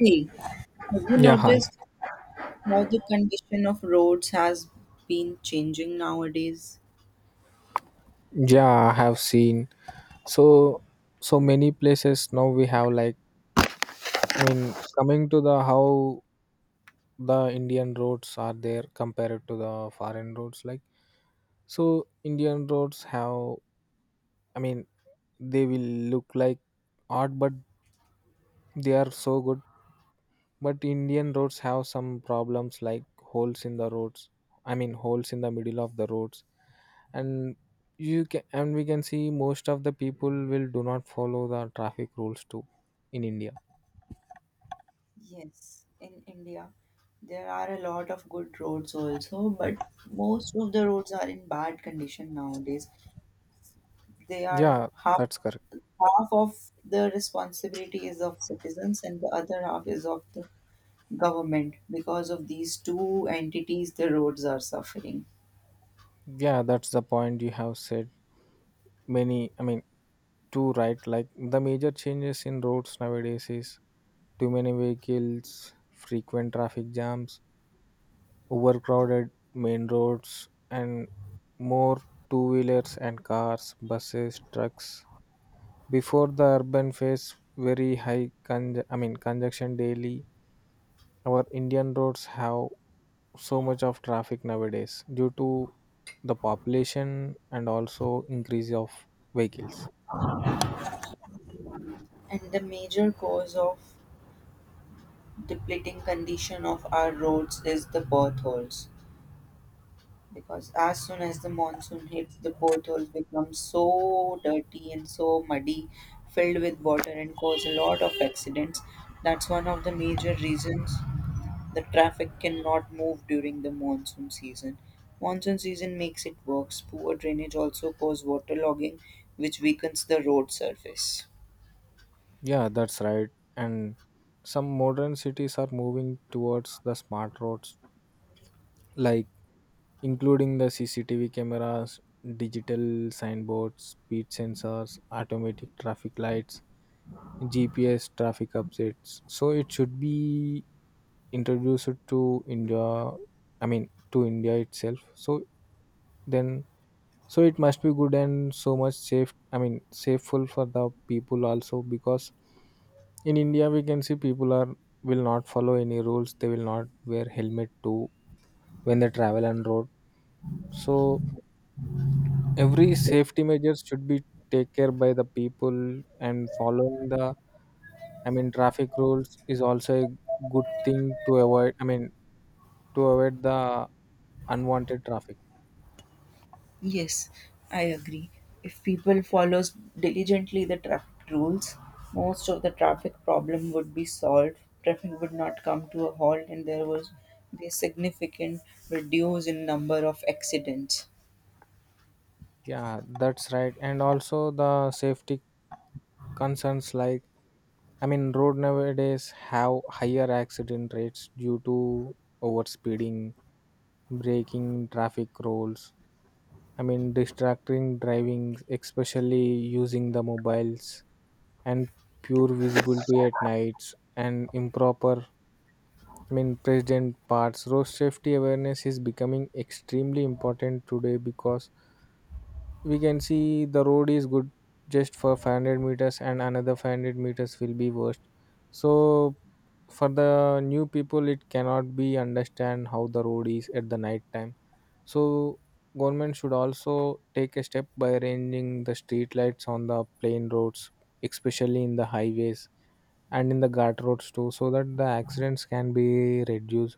Hey, have you Yeah, hi. noticed how the condition of roads has been changing nowadays? Yeah, I have seen so so many places now we have like I mean coming to the how the Indian roads are there compared to the foreign roads, like so Indian roads have, I mean, they will look like odd but they are so good. But Indian roads have some problems like holes in the roads, I mean holes in the middle of the roads. And you can, and we can see most of the people will do not follow the traffic rules too in India. Yes, in India, there are a lot of good roads also, but most of the roads are in bad condition nowadays. They are Yeah, half that's correct. Half of the responsibility is of citizens and the other half is of the government. Because of these two entities, the roads are suffering. Yeah, that's the point you have said many, I mean, too, right? Like the major changes in roads nowadays is too many vehicles, frequent traffic jams, overcrowded main roads, and more two wheelers and cars, buses, trucks before the urban face, very high I mean congestion daily. Our Indian roads have so much of traffic nowadays due to the population and also increase of vehicles. And the major cause of depleting condition of our roads is the potholes because as soon as the monsoon hits, the pothole becomes so dirty and so muddy, filled with water, and cause a lot of accidents. That's one of the major reasons the traffic cannot move during the monsoon season. Monsoon season makes it worse. Poor drainage also cause waterlogging, which weakens the road surface. Yeah, that's right. And some modern cities are moving towards the smart roads, like including the CCTV cameras, digital signboards, speed sensors, automatic traffic lights, GPS traffic updates. So it should be introduced to India, I mean, to India itself. So then so it must be good and so much safe, I mean safeful for the people also, because in India we can see people are, will not follow any rules, they will not wear helmet too when they travel on road. So every safety measures should be take care by the people, and following the, I mean traffic rules is also a good thing to avoid, I mean to avoid the unwanted traffic. Yes, I agree. If people follows diligently the traffic rules, most of the traffic problem would be solved. Traffic would not come to a halt, and there was be a significant reduce in number of accidents. Yeah, that's right. And also the safety concerns, like I mean road nowadays have higher accident rates due to overspeeding, breaking traffic rules, I mean distracting driving, especially using the mobiles, and pure visibility at nights, and improper, I mean present parts road safety awareness is becoming extremely important today because we can see the road is good just for 500 meters and another 500 meters will be worst. So for the new people it cannot be understand how the road is at the night time. So government should also take a step by arranging the street lights on the plain roads, especially in the highways and in the guard roads too, so that the accidents can be reduced.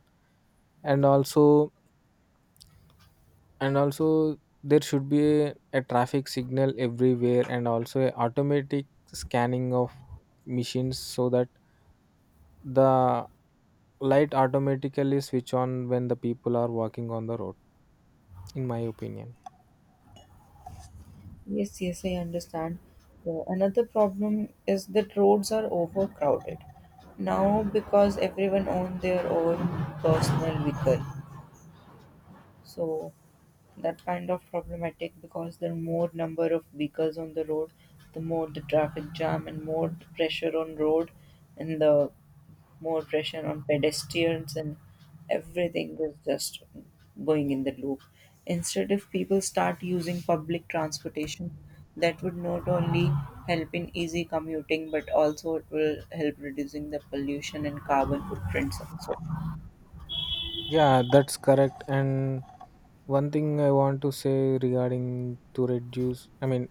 And also and also there should be a traffic signal everywhere, and also a automatic scanning of machines so that the light automatically switch on when the people are walking on the road, in my opinion. Yes, yes, I understand. Another problem is that roads are overcrowded now because everyone own their own personal vehicle. So that kind of problematic because the more number of vehicles on the road, the more the traffic jam and more the pressure on road and the more pressure on pedestrians, and everything is just going in the loop. Instead, if people start using public transportation, that would not only help in easy commuting but also it will help reducing the pollution and carbon footprints also. Yeah, that's correct. And one thing I want to say regarding to reduce, I mean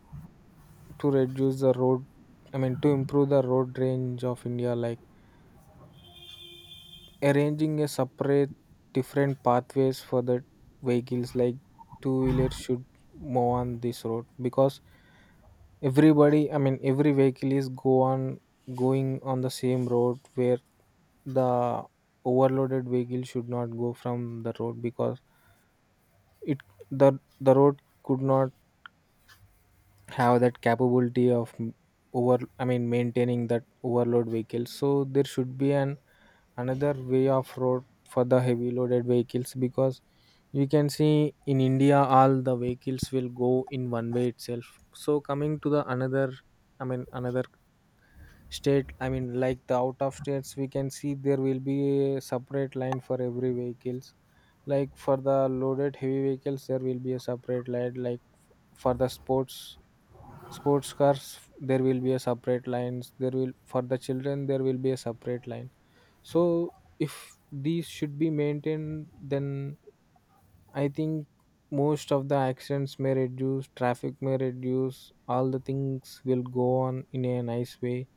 to reduce the road, I mean to improve the road range of India, like arranging a separate different pathways for the vehicles, like two wheelers should move on this road because everybody, I mean every vehicle is go on going on the same road where the overloaded vehicle should not go from the road because it, the the road could not have that capability of over, I mean maintaining that overload vehicles. So there should be an another way of road for the heavy loaded vehicles because you can see in India all the vehicles will go in one way itself. So coming to the another, I mean another state, I mean like the out of states, we can see there will be a separate line for every vehicles, like for the loaded heavy vehicles there will be a separate line, like for the sports cars there will be a separate lines, there will for the children there will be a separate line. So if these should be maintained then I think most of the accidents may reduce, traffic may reduce, all the things will go on in a nice way.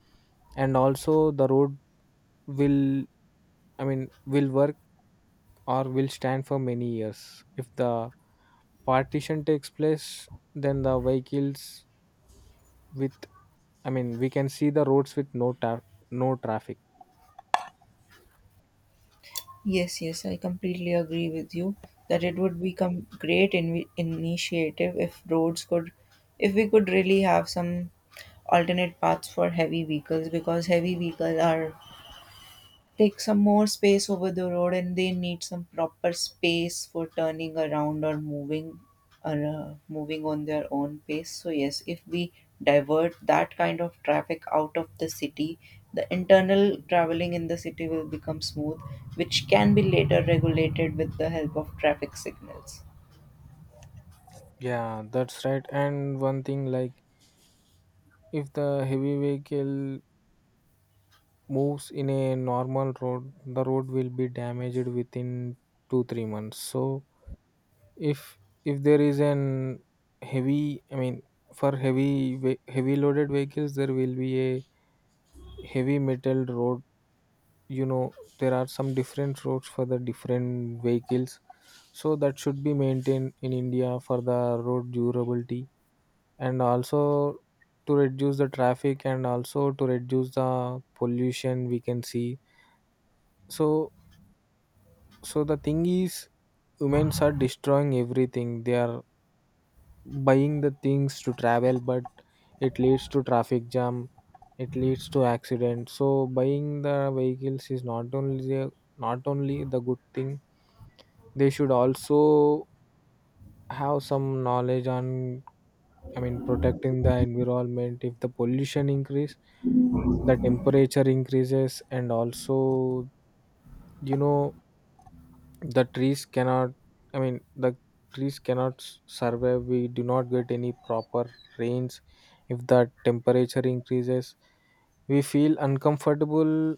And also the road will, I mean will work or will stand for many years if the partition takes place. Then the vehicles with, I mean we can see the roads with no no traffic. Yes, yes, I completely agree with you that it would become great initiative if roads could, if we could really have some alternate paths for heavy vehicles because heavy vehicles are take some more space over the road and they need some proper space for turning around or moving on their own pace. So yes, if we divert that kind of traffic out of the city, the internal traveling in the city will become smooth, which can be later regulated with the help of traffic signals. Yeah, that's right. And one thing, like if the heavy vehicle moves in a normal road the road will be damaged within 2 3 months. So if if there is an heavy, I mean for heavy heavy loaded vehicles there will be a heavy metal road, you know. There are some different roads for the different vehicles, so that should be maintained in India for the road durability. And also to reduce the traffic and also to reduce the pollution we can see. So so the thing is humans are destroying everything, they are buying the things to travel but it leads to traffic jam, it leads to accident. So buying the vehicles is not only the, not only the good thing, they should also have some knowledge on, I mean protecting the environment. If the pollution increase, the temperature increases, and also, you know, the trees cannot, I mean the trees cannot survive, we do not get any proper rains. If the temperature increases we feel uncomfortable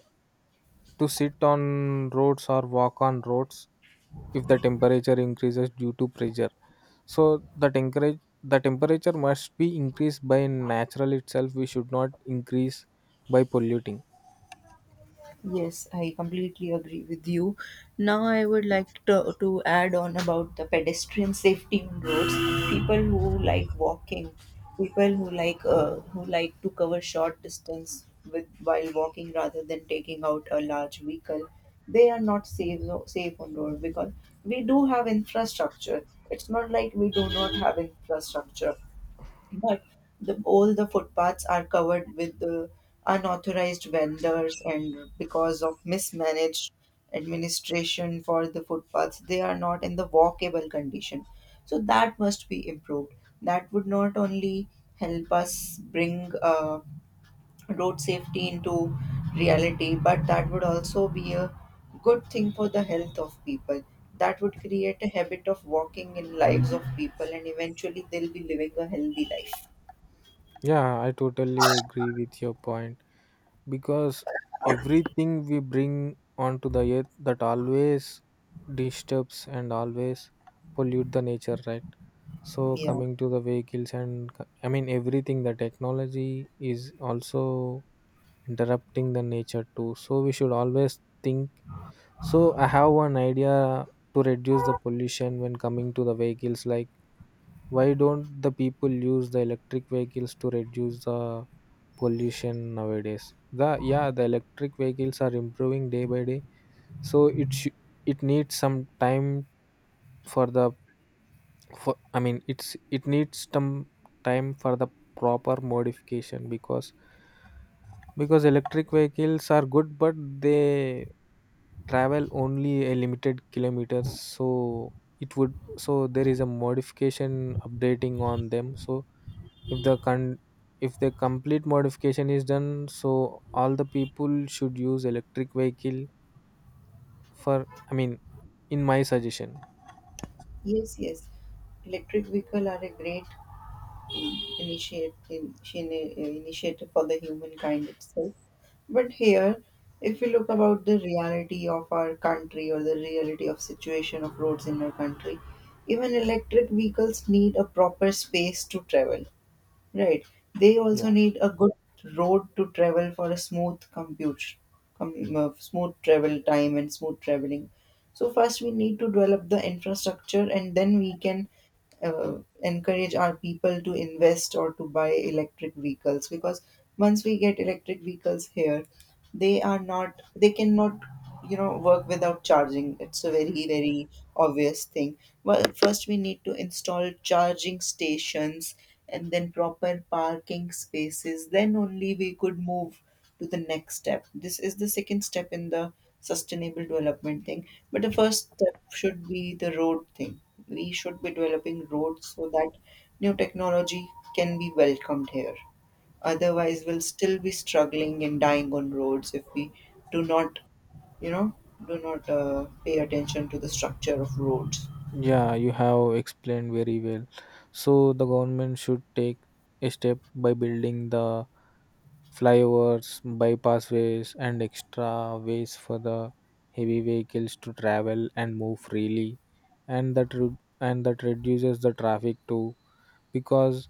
to sit on roads or walk on roads. If the temperature increases due to pressure, so the temperature must be increased by natural itself, we should not increase by polluting. Yes, I completely agree with you. Now, I would like to add on about the pedestrian safety on roads. People who like walking, people who like to cover short distance with while walking rather than taking out a large vehicle, they are not safe, no, safe on road because we do have infrastructure. It's not like we do not have infrastructure. But all the footpaths are covered with the unauthorized vendors, and because of mismanaged administration for the footpaths, they are not in the walkable condition. So that must be improved. That would not only help us bring road safety into reality, but that would also be a good thing for the health of people. That would create a habit of walking in lives of people, and eventually they'll be living a healthy life. Yeah, I totally agree with your point, because everything we bring onto the earth that always disturbs and always pollute the nature, right? So Yeah. coming to the vehicles and I mean everything, the technology is also interrupting the nature too, so we should always think. So I have one idea to reduce the pollution when coming to the vehicles, like why don't the people use the electric vehicles to reduce the pollution. Nowadays the, yeah, the electric vehicles are improving day by day. So it it needs some time for the, for I mean it's, it needs some time for the proper modification, because electric vehicles are good but they travel only a limited kilometers. So it would, so there is a modification updating on them. So if the con, if the complete modification is done, so all the people should use electric vehicle for, I mean, in my suggestion. Yes, yes. Electric vehicle are a great initiative for the humankind itself. But here, if we look about the reality of our country or the reality of situation of roads in our country, even electric vehicles need a proper space to travel. Right. They Yeah. also need a good road to travel for a smooth smooth travel time and smooth traveling. So first we need to develop the infrastructure, and then we can encourage our people to invest or to buy electric vehicles. Because once we get electric vehicles here, they are not they cannot work without charging. It's a very, very obvious thing. Well, first we need to install charging stations and then proper parking spaces, then only we could move to the next step. This is the second step in the sustainable development thing, but the first step should be the road thing. We should be developing roads so that new technology can be welcomed here. Otherwise, we'll still be struggling and dying on roads if we do not, you know, do not pay attention to the structure of roads. Yeah, you have explained very well. So the government should take a step by building the flyovers, bypassways, and extra ways for the heavy vehicles to travel and move freely, and that re- and that reduces the traffic too. Because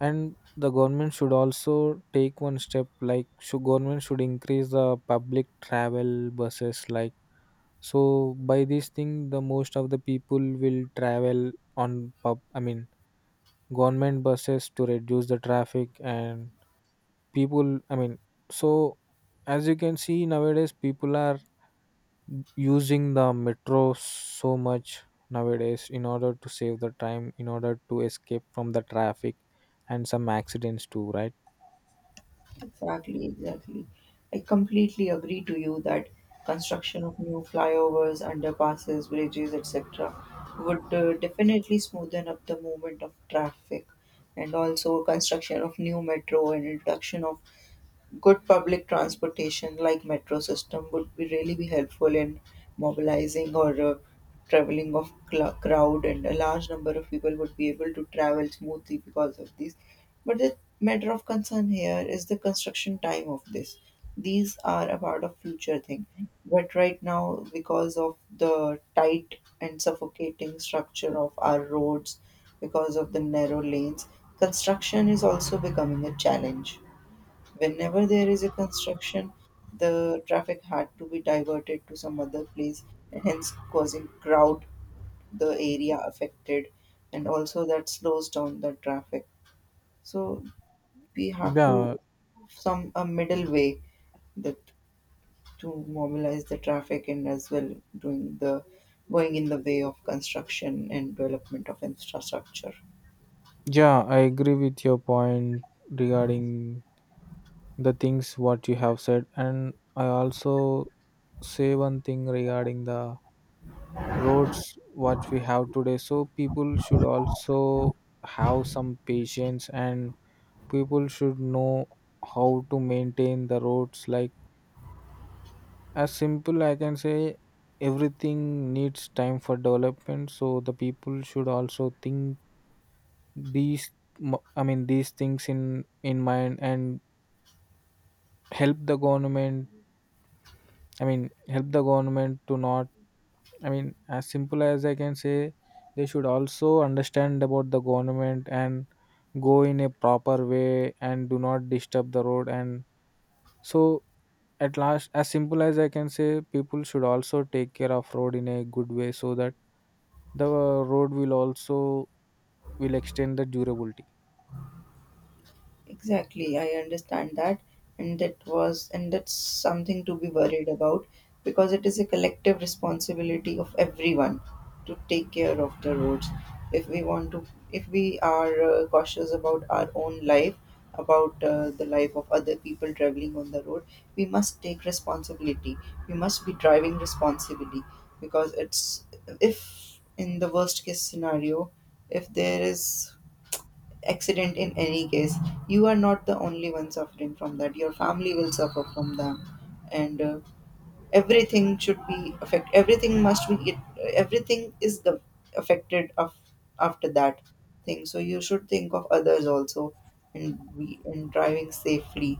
and the government should also take one step, like should government should increase the public travel buses, like so by this thing, the most of the people will travel on pub, I mean government buses to reduce the traffic and people, I mean, so as you can see nowadays, people are using the metro so much nowadays in order to save the time, in order to escape from the traffic and some accidents too, right? Exactly, exactly. I completely agree to you that construction of new flyovers, underpasses, bridges, etc., would definitely smoothen up the movement of traffic. And also, construction of new metro and introduction of good public transportation like metro system would be really be helpful in mobilizing or traveling of crowd, and a large number of people would be able to travel smoothly because of this. But the matter of concern here is the construction time of this. These are about a future thing, but right now because of the tight and suffocating structure of our roads, because of the narrow lanes, construction is also becoming a challenge. Whenever there is a construction, the traffic had to be diverted to some other place, and hence causing crowd the area affected, and also that slows down the traffic. So we have to Yeah, some a middle way that to mobilize the traffic and as well doing the going in the way of construction and development of infrastructure. yeah, I agree with your point regarding the things what you have said, and I also say one thing regarding the roads what we have today. So people should also have some patience, and people should know how to maintain the roads, like as simple I can say everything needs time for development, so the people should also think these I mean these things in mind and help the government, I mean help the government to not, I mean, as simple as I can say, they should also understand about the government and go in a proper way and do not disturb the road. And so, at last, as simple as I can say, people should also take care of road in a good way so that the road will also will extend the durability. Exactly, I understand that, and that was and that's something to be worried about because it is a collective responsibility of everyone to take care of the roads. If we want to, if we are cautious about our own life, about the life of other people traveling on the road, we must take responsibility. We must be driving responsibly because it's if in the worst case scenario, if there is accident in any case, you are not the only one suffering from that. Your family will suffer from them. And everything should be affect everything must be it, everything is the affected of after that thing. So you should think of others also and be and driving safely.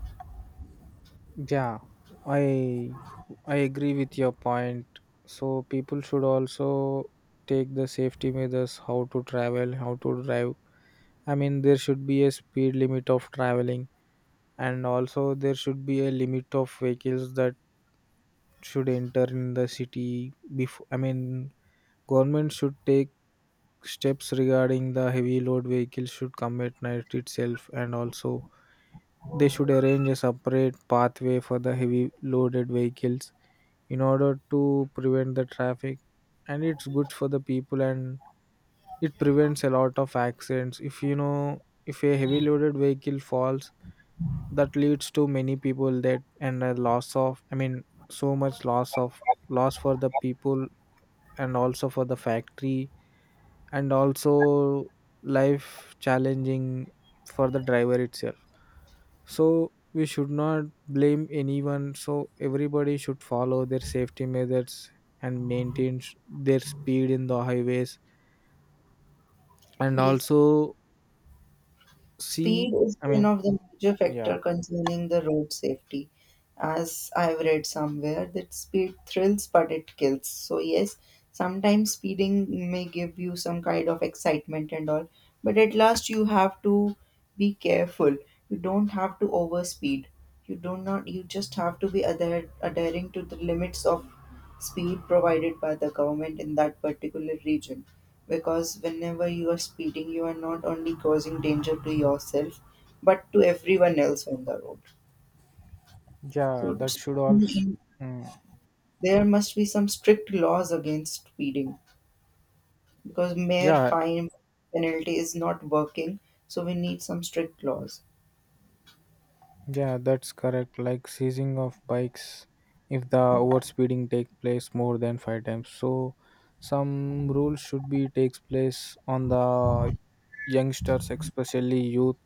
Yeah, I I agree with your point. So people should also take the safety measures, how to travel, how to drive. I mean, there should be a speed limit of traveling, and also there should be a limit of vehicles that should enter in the city. Before, I mean, government should take steps regarding the heavy load vehicles should come at night itself, and also they should arrange a separate pathway for the heavy loaded vehicles in order to prevent the traffic. And it's good for the people, and it prevents a lot of accidents. If you know, if a heavy loaded vehicle falls that leads to many people that and a loss of, I mean so much loss of loss for the people and also for the factory, and also life challenging for the driver itself. So we should not blame anyone, so everybody should follow their safety measures and maintain their speed in the highways and Yes. also see, Speed is I one mean, of the major yeah, factor concerning the road safety. As I've read somewhere that speed thrills but it kills. So yes, sometimes speeding may give you some kind of excitement and all, but at last you have to be careful. You don't have to overspeed. You do not you just have to be adhering to the limits of speed provided by the government in that particular region because whenever you are speeding, you are not only causing danger to yourself but to everyone else on the road. yeah, So, that should also, mm, there must be some strict laws against speeding because mere yeah. fine penalty is not working. So, we need some strict laws. Yeah, that's correct. Like seizing of bikes if the overspeeding take place more than 5 times. So some rules should be takes place on the youngsters, especially youth,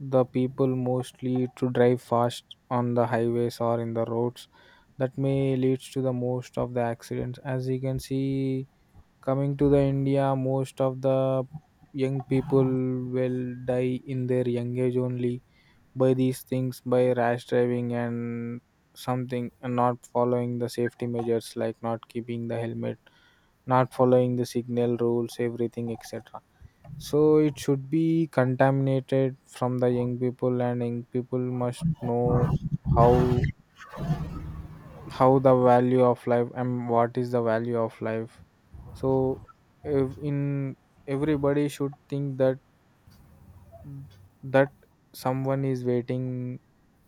the people mostly to drive fast on the highways or in the roads. That may leads to the most of the accidents. As you can see, coming to the India, most of the young people will die in their young age only by these things, by rash driving and something and not following the safety measures like not keeping the helmet, not following the signal rules, everything, etc. So it should be contaminated from the young people, and young people must know how how the value of life and what is the value of life. So if in, everybody should think that that someone is waiting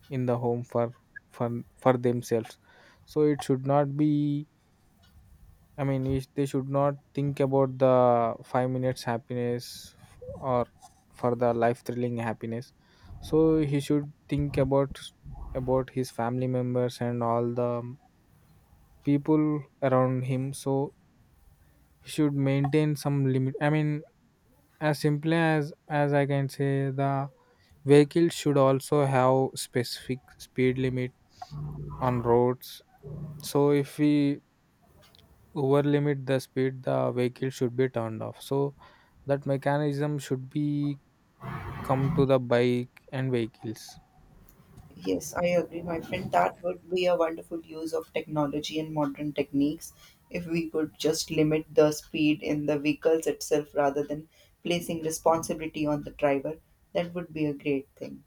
in the home for for themselves. So it should not be, I mean they should not think about the 5 minutes happiness or for the life thrilling happiness. So he should think about his family members and all the people around him. So he should maintain some limit, I mean, as simply as I can say, the vehicles should also have specific speed limit on roads. So if we over limit the speed, the vehicle should be turned off. So that mechanism should be come to the bike and vehicles. Yes, I agree, my friend. That would be a wonderful use of technology and modern techniques if we could just limit the speed in the vehicles itself rather than placing responsibility on the driver. That would be a great thing.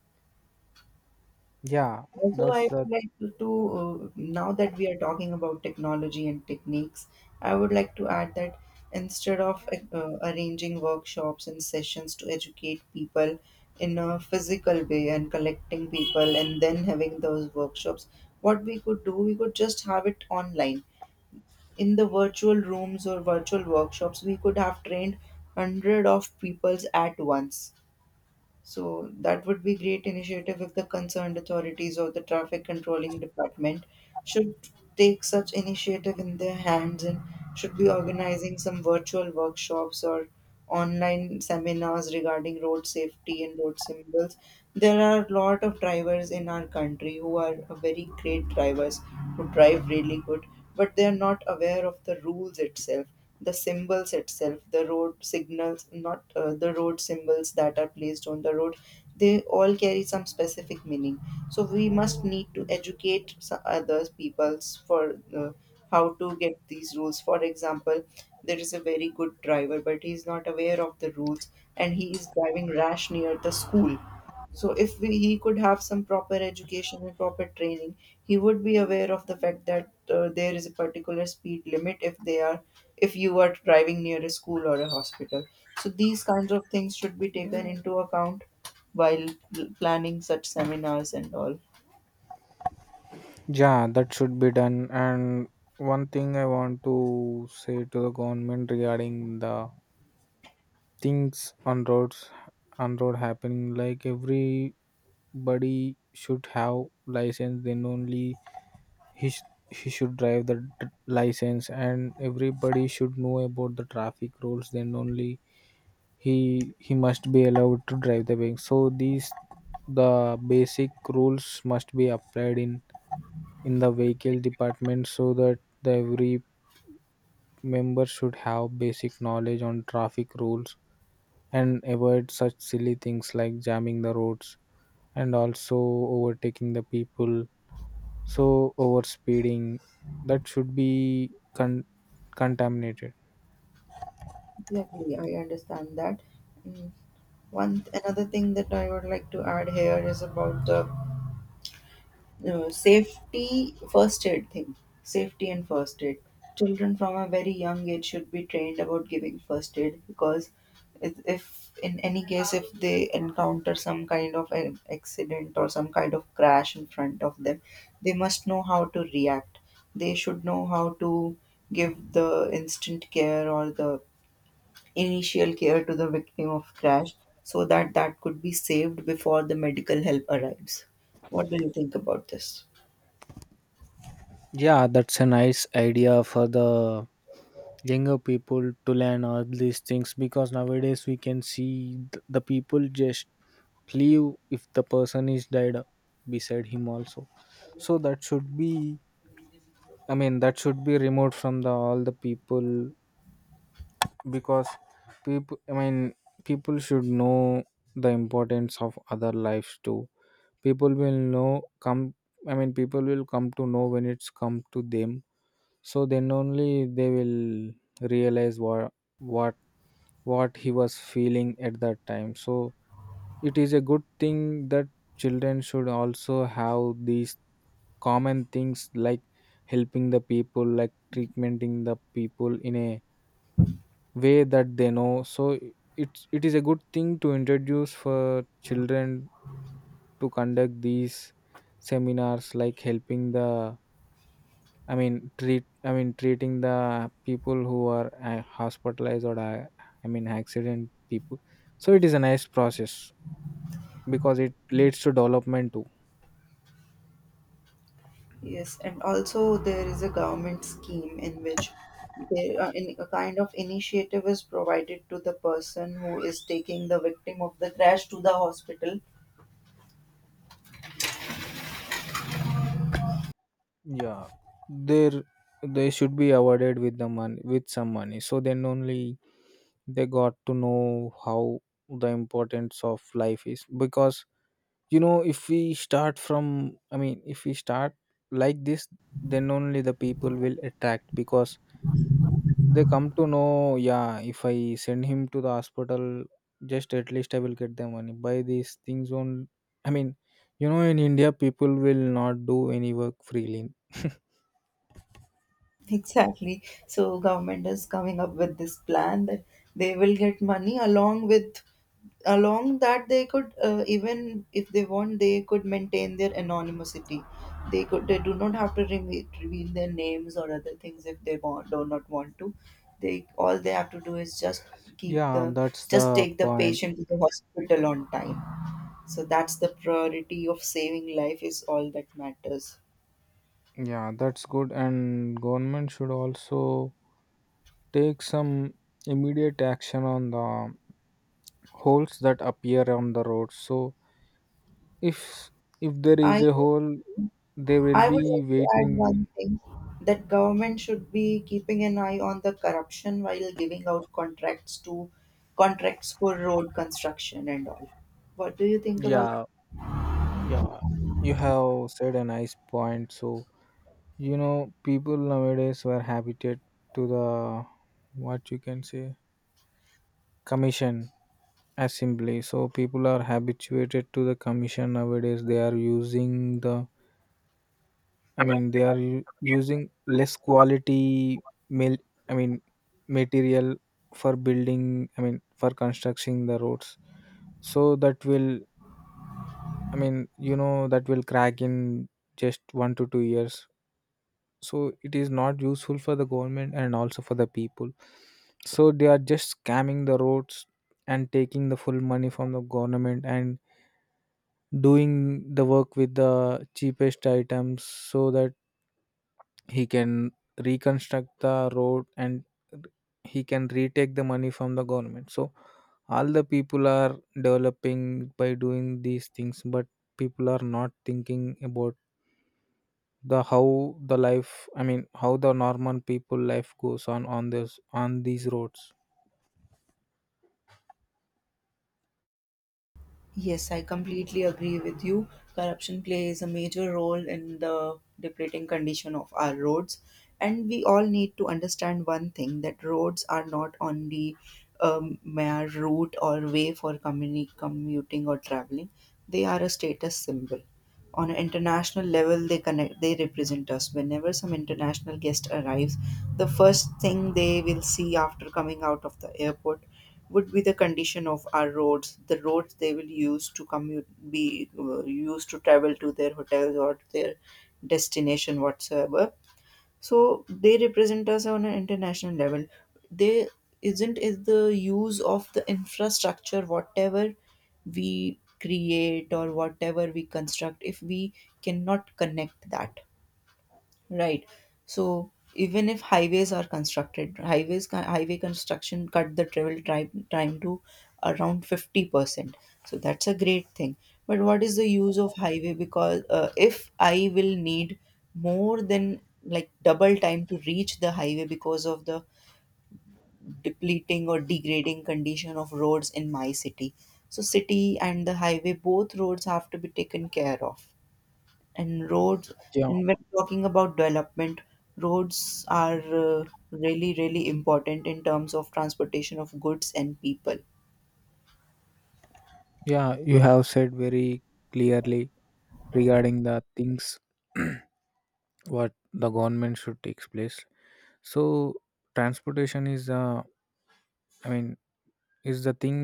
Yeah, Also, that's I that. would like to, now that we are talking about technology and techniques, I would like to add that instead of arranging workshops and sessions to educate people in a physical way and collecting people and then having those workshops, what we could do, we could just have it online. In the virtual rooms or virtual workshops, we could have trained hundred of peoples at once, so that would be great initiative if the concerned authorities or the traffic controlling department should take such initiative in their hands and should be organizing some virtual workshops or online seminars regarding road safety and road symbols. There are a lot of drivers in our country who are very great drivers who drive really good, but they are not aware of the rules itself, the symbols itself, the road signals, not the road symbols that are placed on the road, they all carry some specific meaning. So we must need to educate others peoples for how to get these rules. For example, there is a very good driver but he is not aware of the rules and he is driving rash near the school. So if we, he could have some proper education and proper training, he would be aware of the fact that there is a particular speed limit if you are driving near a school or a hospital. So these kinds of things should be taken into account while planning such seminars and all. Yeah, that should be done. And one thing I want to say to the government regarding the things on roads, on road happening, like everybody should have license, then only he, sh- he should drive the license, and everybody should know about the traffic rules, then only he must be allowed to drive the vehicle. So these, the basic rules must be applied in the vehicle department, so that the every member should have basic knowledge on traffic rules and avoid such silly things like jamming the roads and also overtaking the people. So over speeding, that should be contaminated. Exactly, I understand that. Mm. One another thing that I would like to add here is about the safety first aid thing, safety and first aid. Children from a very young age should be trained about giving first aid because if in any case if they encounter some kind of an accident or some kind of crash in front of them, they must know how to react. They should know how to give the instant care or the initial care to the victim of crash so that that could be saved before the medical help arrives. What do you think about this? Yeah, that's a nice idea for the younger people to learn all these things, because nowadays we can see the people just leave if the person is dead beside him also. So that should be, I mean, that should be removed from the all the people. Because people, I mean, people should know the importance of other lives too. People will know come, I mean, people will come to know when it's come to them. So then only they will realize what what what he was feeling at that time. So it is a good thing that children should also have these common things like helping the people, like treatmenting the people in a way that they know. So it is a good thing to introduce for children, to conduct these seminars like helping the, I mean, treat. I mean, treating the people who are hospitalized or I mean, accident people. So it is a nice process, because it leads to development too. Yes, and also there is a government scheme in which there in a kind of initiative is provided to the person who is taking the victim of the crash to the hospital. Yeah, there they should be awarded with the money, with some money. So then only they got to know how the importance of life is. Because, you know, if we start from, I mean, if we start like this, then only the people will attract. Because they come to know, yeah, if I send him to the hospital, just at least I will get the money. By these things on, I mean, you know, in India, people will not do any work freely. Exactly. So government is coming up with this plan that they will get money along with along that they could even if they want they could maintain their anonymity. They do not have to reveal their names or other things if they want do not want to. They have to do is just keep Yeah, the that's just the take the point. patient to the hospital on time. So that's the priority of saving life is all that matters. Yeah, that's good. And government should also take some immediate action on the holes that appear on the road. So if if there is I a hole, they will I would be like to add waiting. one thing that government should be keeping an eye on the corruption while giving out contracts to contracts for road construction and all. What do you think about? Yeah, Yeah, you have said a nice point. So, you know, people nowadays were habited to the, what you can say, commission assembly. So, people are habituated to the commission nowadays. They are using the, I I mean, they are using less Yeah. quality mil, I mean, material for building, I mean, for constructing the roads. So, that will, I mean, you know, that will crack in just 1 to 2 years. So it is not useful for the government and also for the people. So they are just scamming the roads and taking the full money from the government and doing the work with the cheapest items, so that he can reconstruct the road and he can retake the money from the government. So all the people are developing by doing these things, but people are not thinking about the how the life, I mean, how the normal people life goes on this, on these roads. Yes, I completely agree with you. Corruption plays a major role in the depleting condition of our roads. And we all need to understand one thing that roads are not only mere route or way for commuting or traveling, they are a status symbol on an international level. They connect they represent us whenever some international guest arrives. The first thing they will see after coming out of the airport would be the condition of our roads, the roads they will use to commute be used to travel to their hotels or their destination whatsoever. So they represent us on an international level. They isn't is the use of the infrastructure whatever we create or whatever we construct if we cannot connect that. Right. So even if highways are constructed, highway construction cut the travel time to around 50%. So that's a great thing. But what is the use of highway? Because if I will need more than like double time to reach the highway because of the depleting or degrading condition of roads in my city. So city and the highway, both roads have to be taken care of and roads yeah and when talking about development, roads are really, really important in terms of transportation of goods and people. yeah you have said very clearly regarding the things. What the government should takes place. So transportation is, I mean, is the thing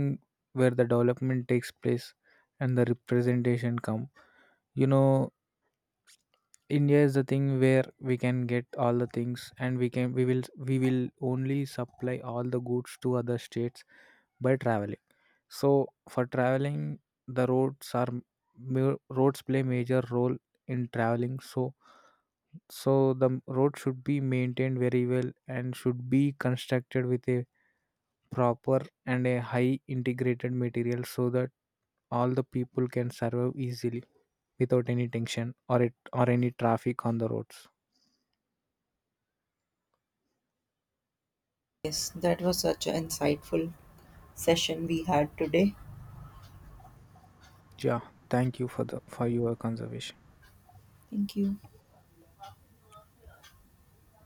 where the development takes place and the representation come. You know, India is the thing where we can get all the things, and we will we will only supply all the goods to other states by traveling. So for traveling, the roads are roads play major role in traveling. So so the road should be maintained very well and should be constructed with a proper and a high integrated material, so that all the people can survive easily without any tension or it or any traffic on the roads. Yes, that was such an insightful session we had today. Yeah, thank you for the for your conservation. Thank you.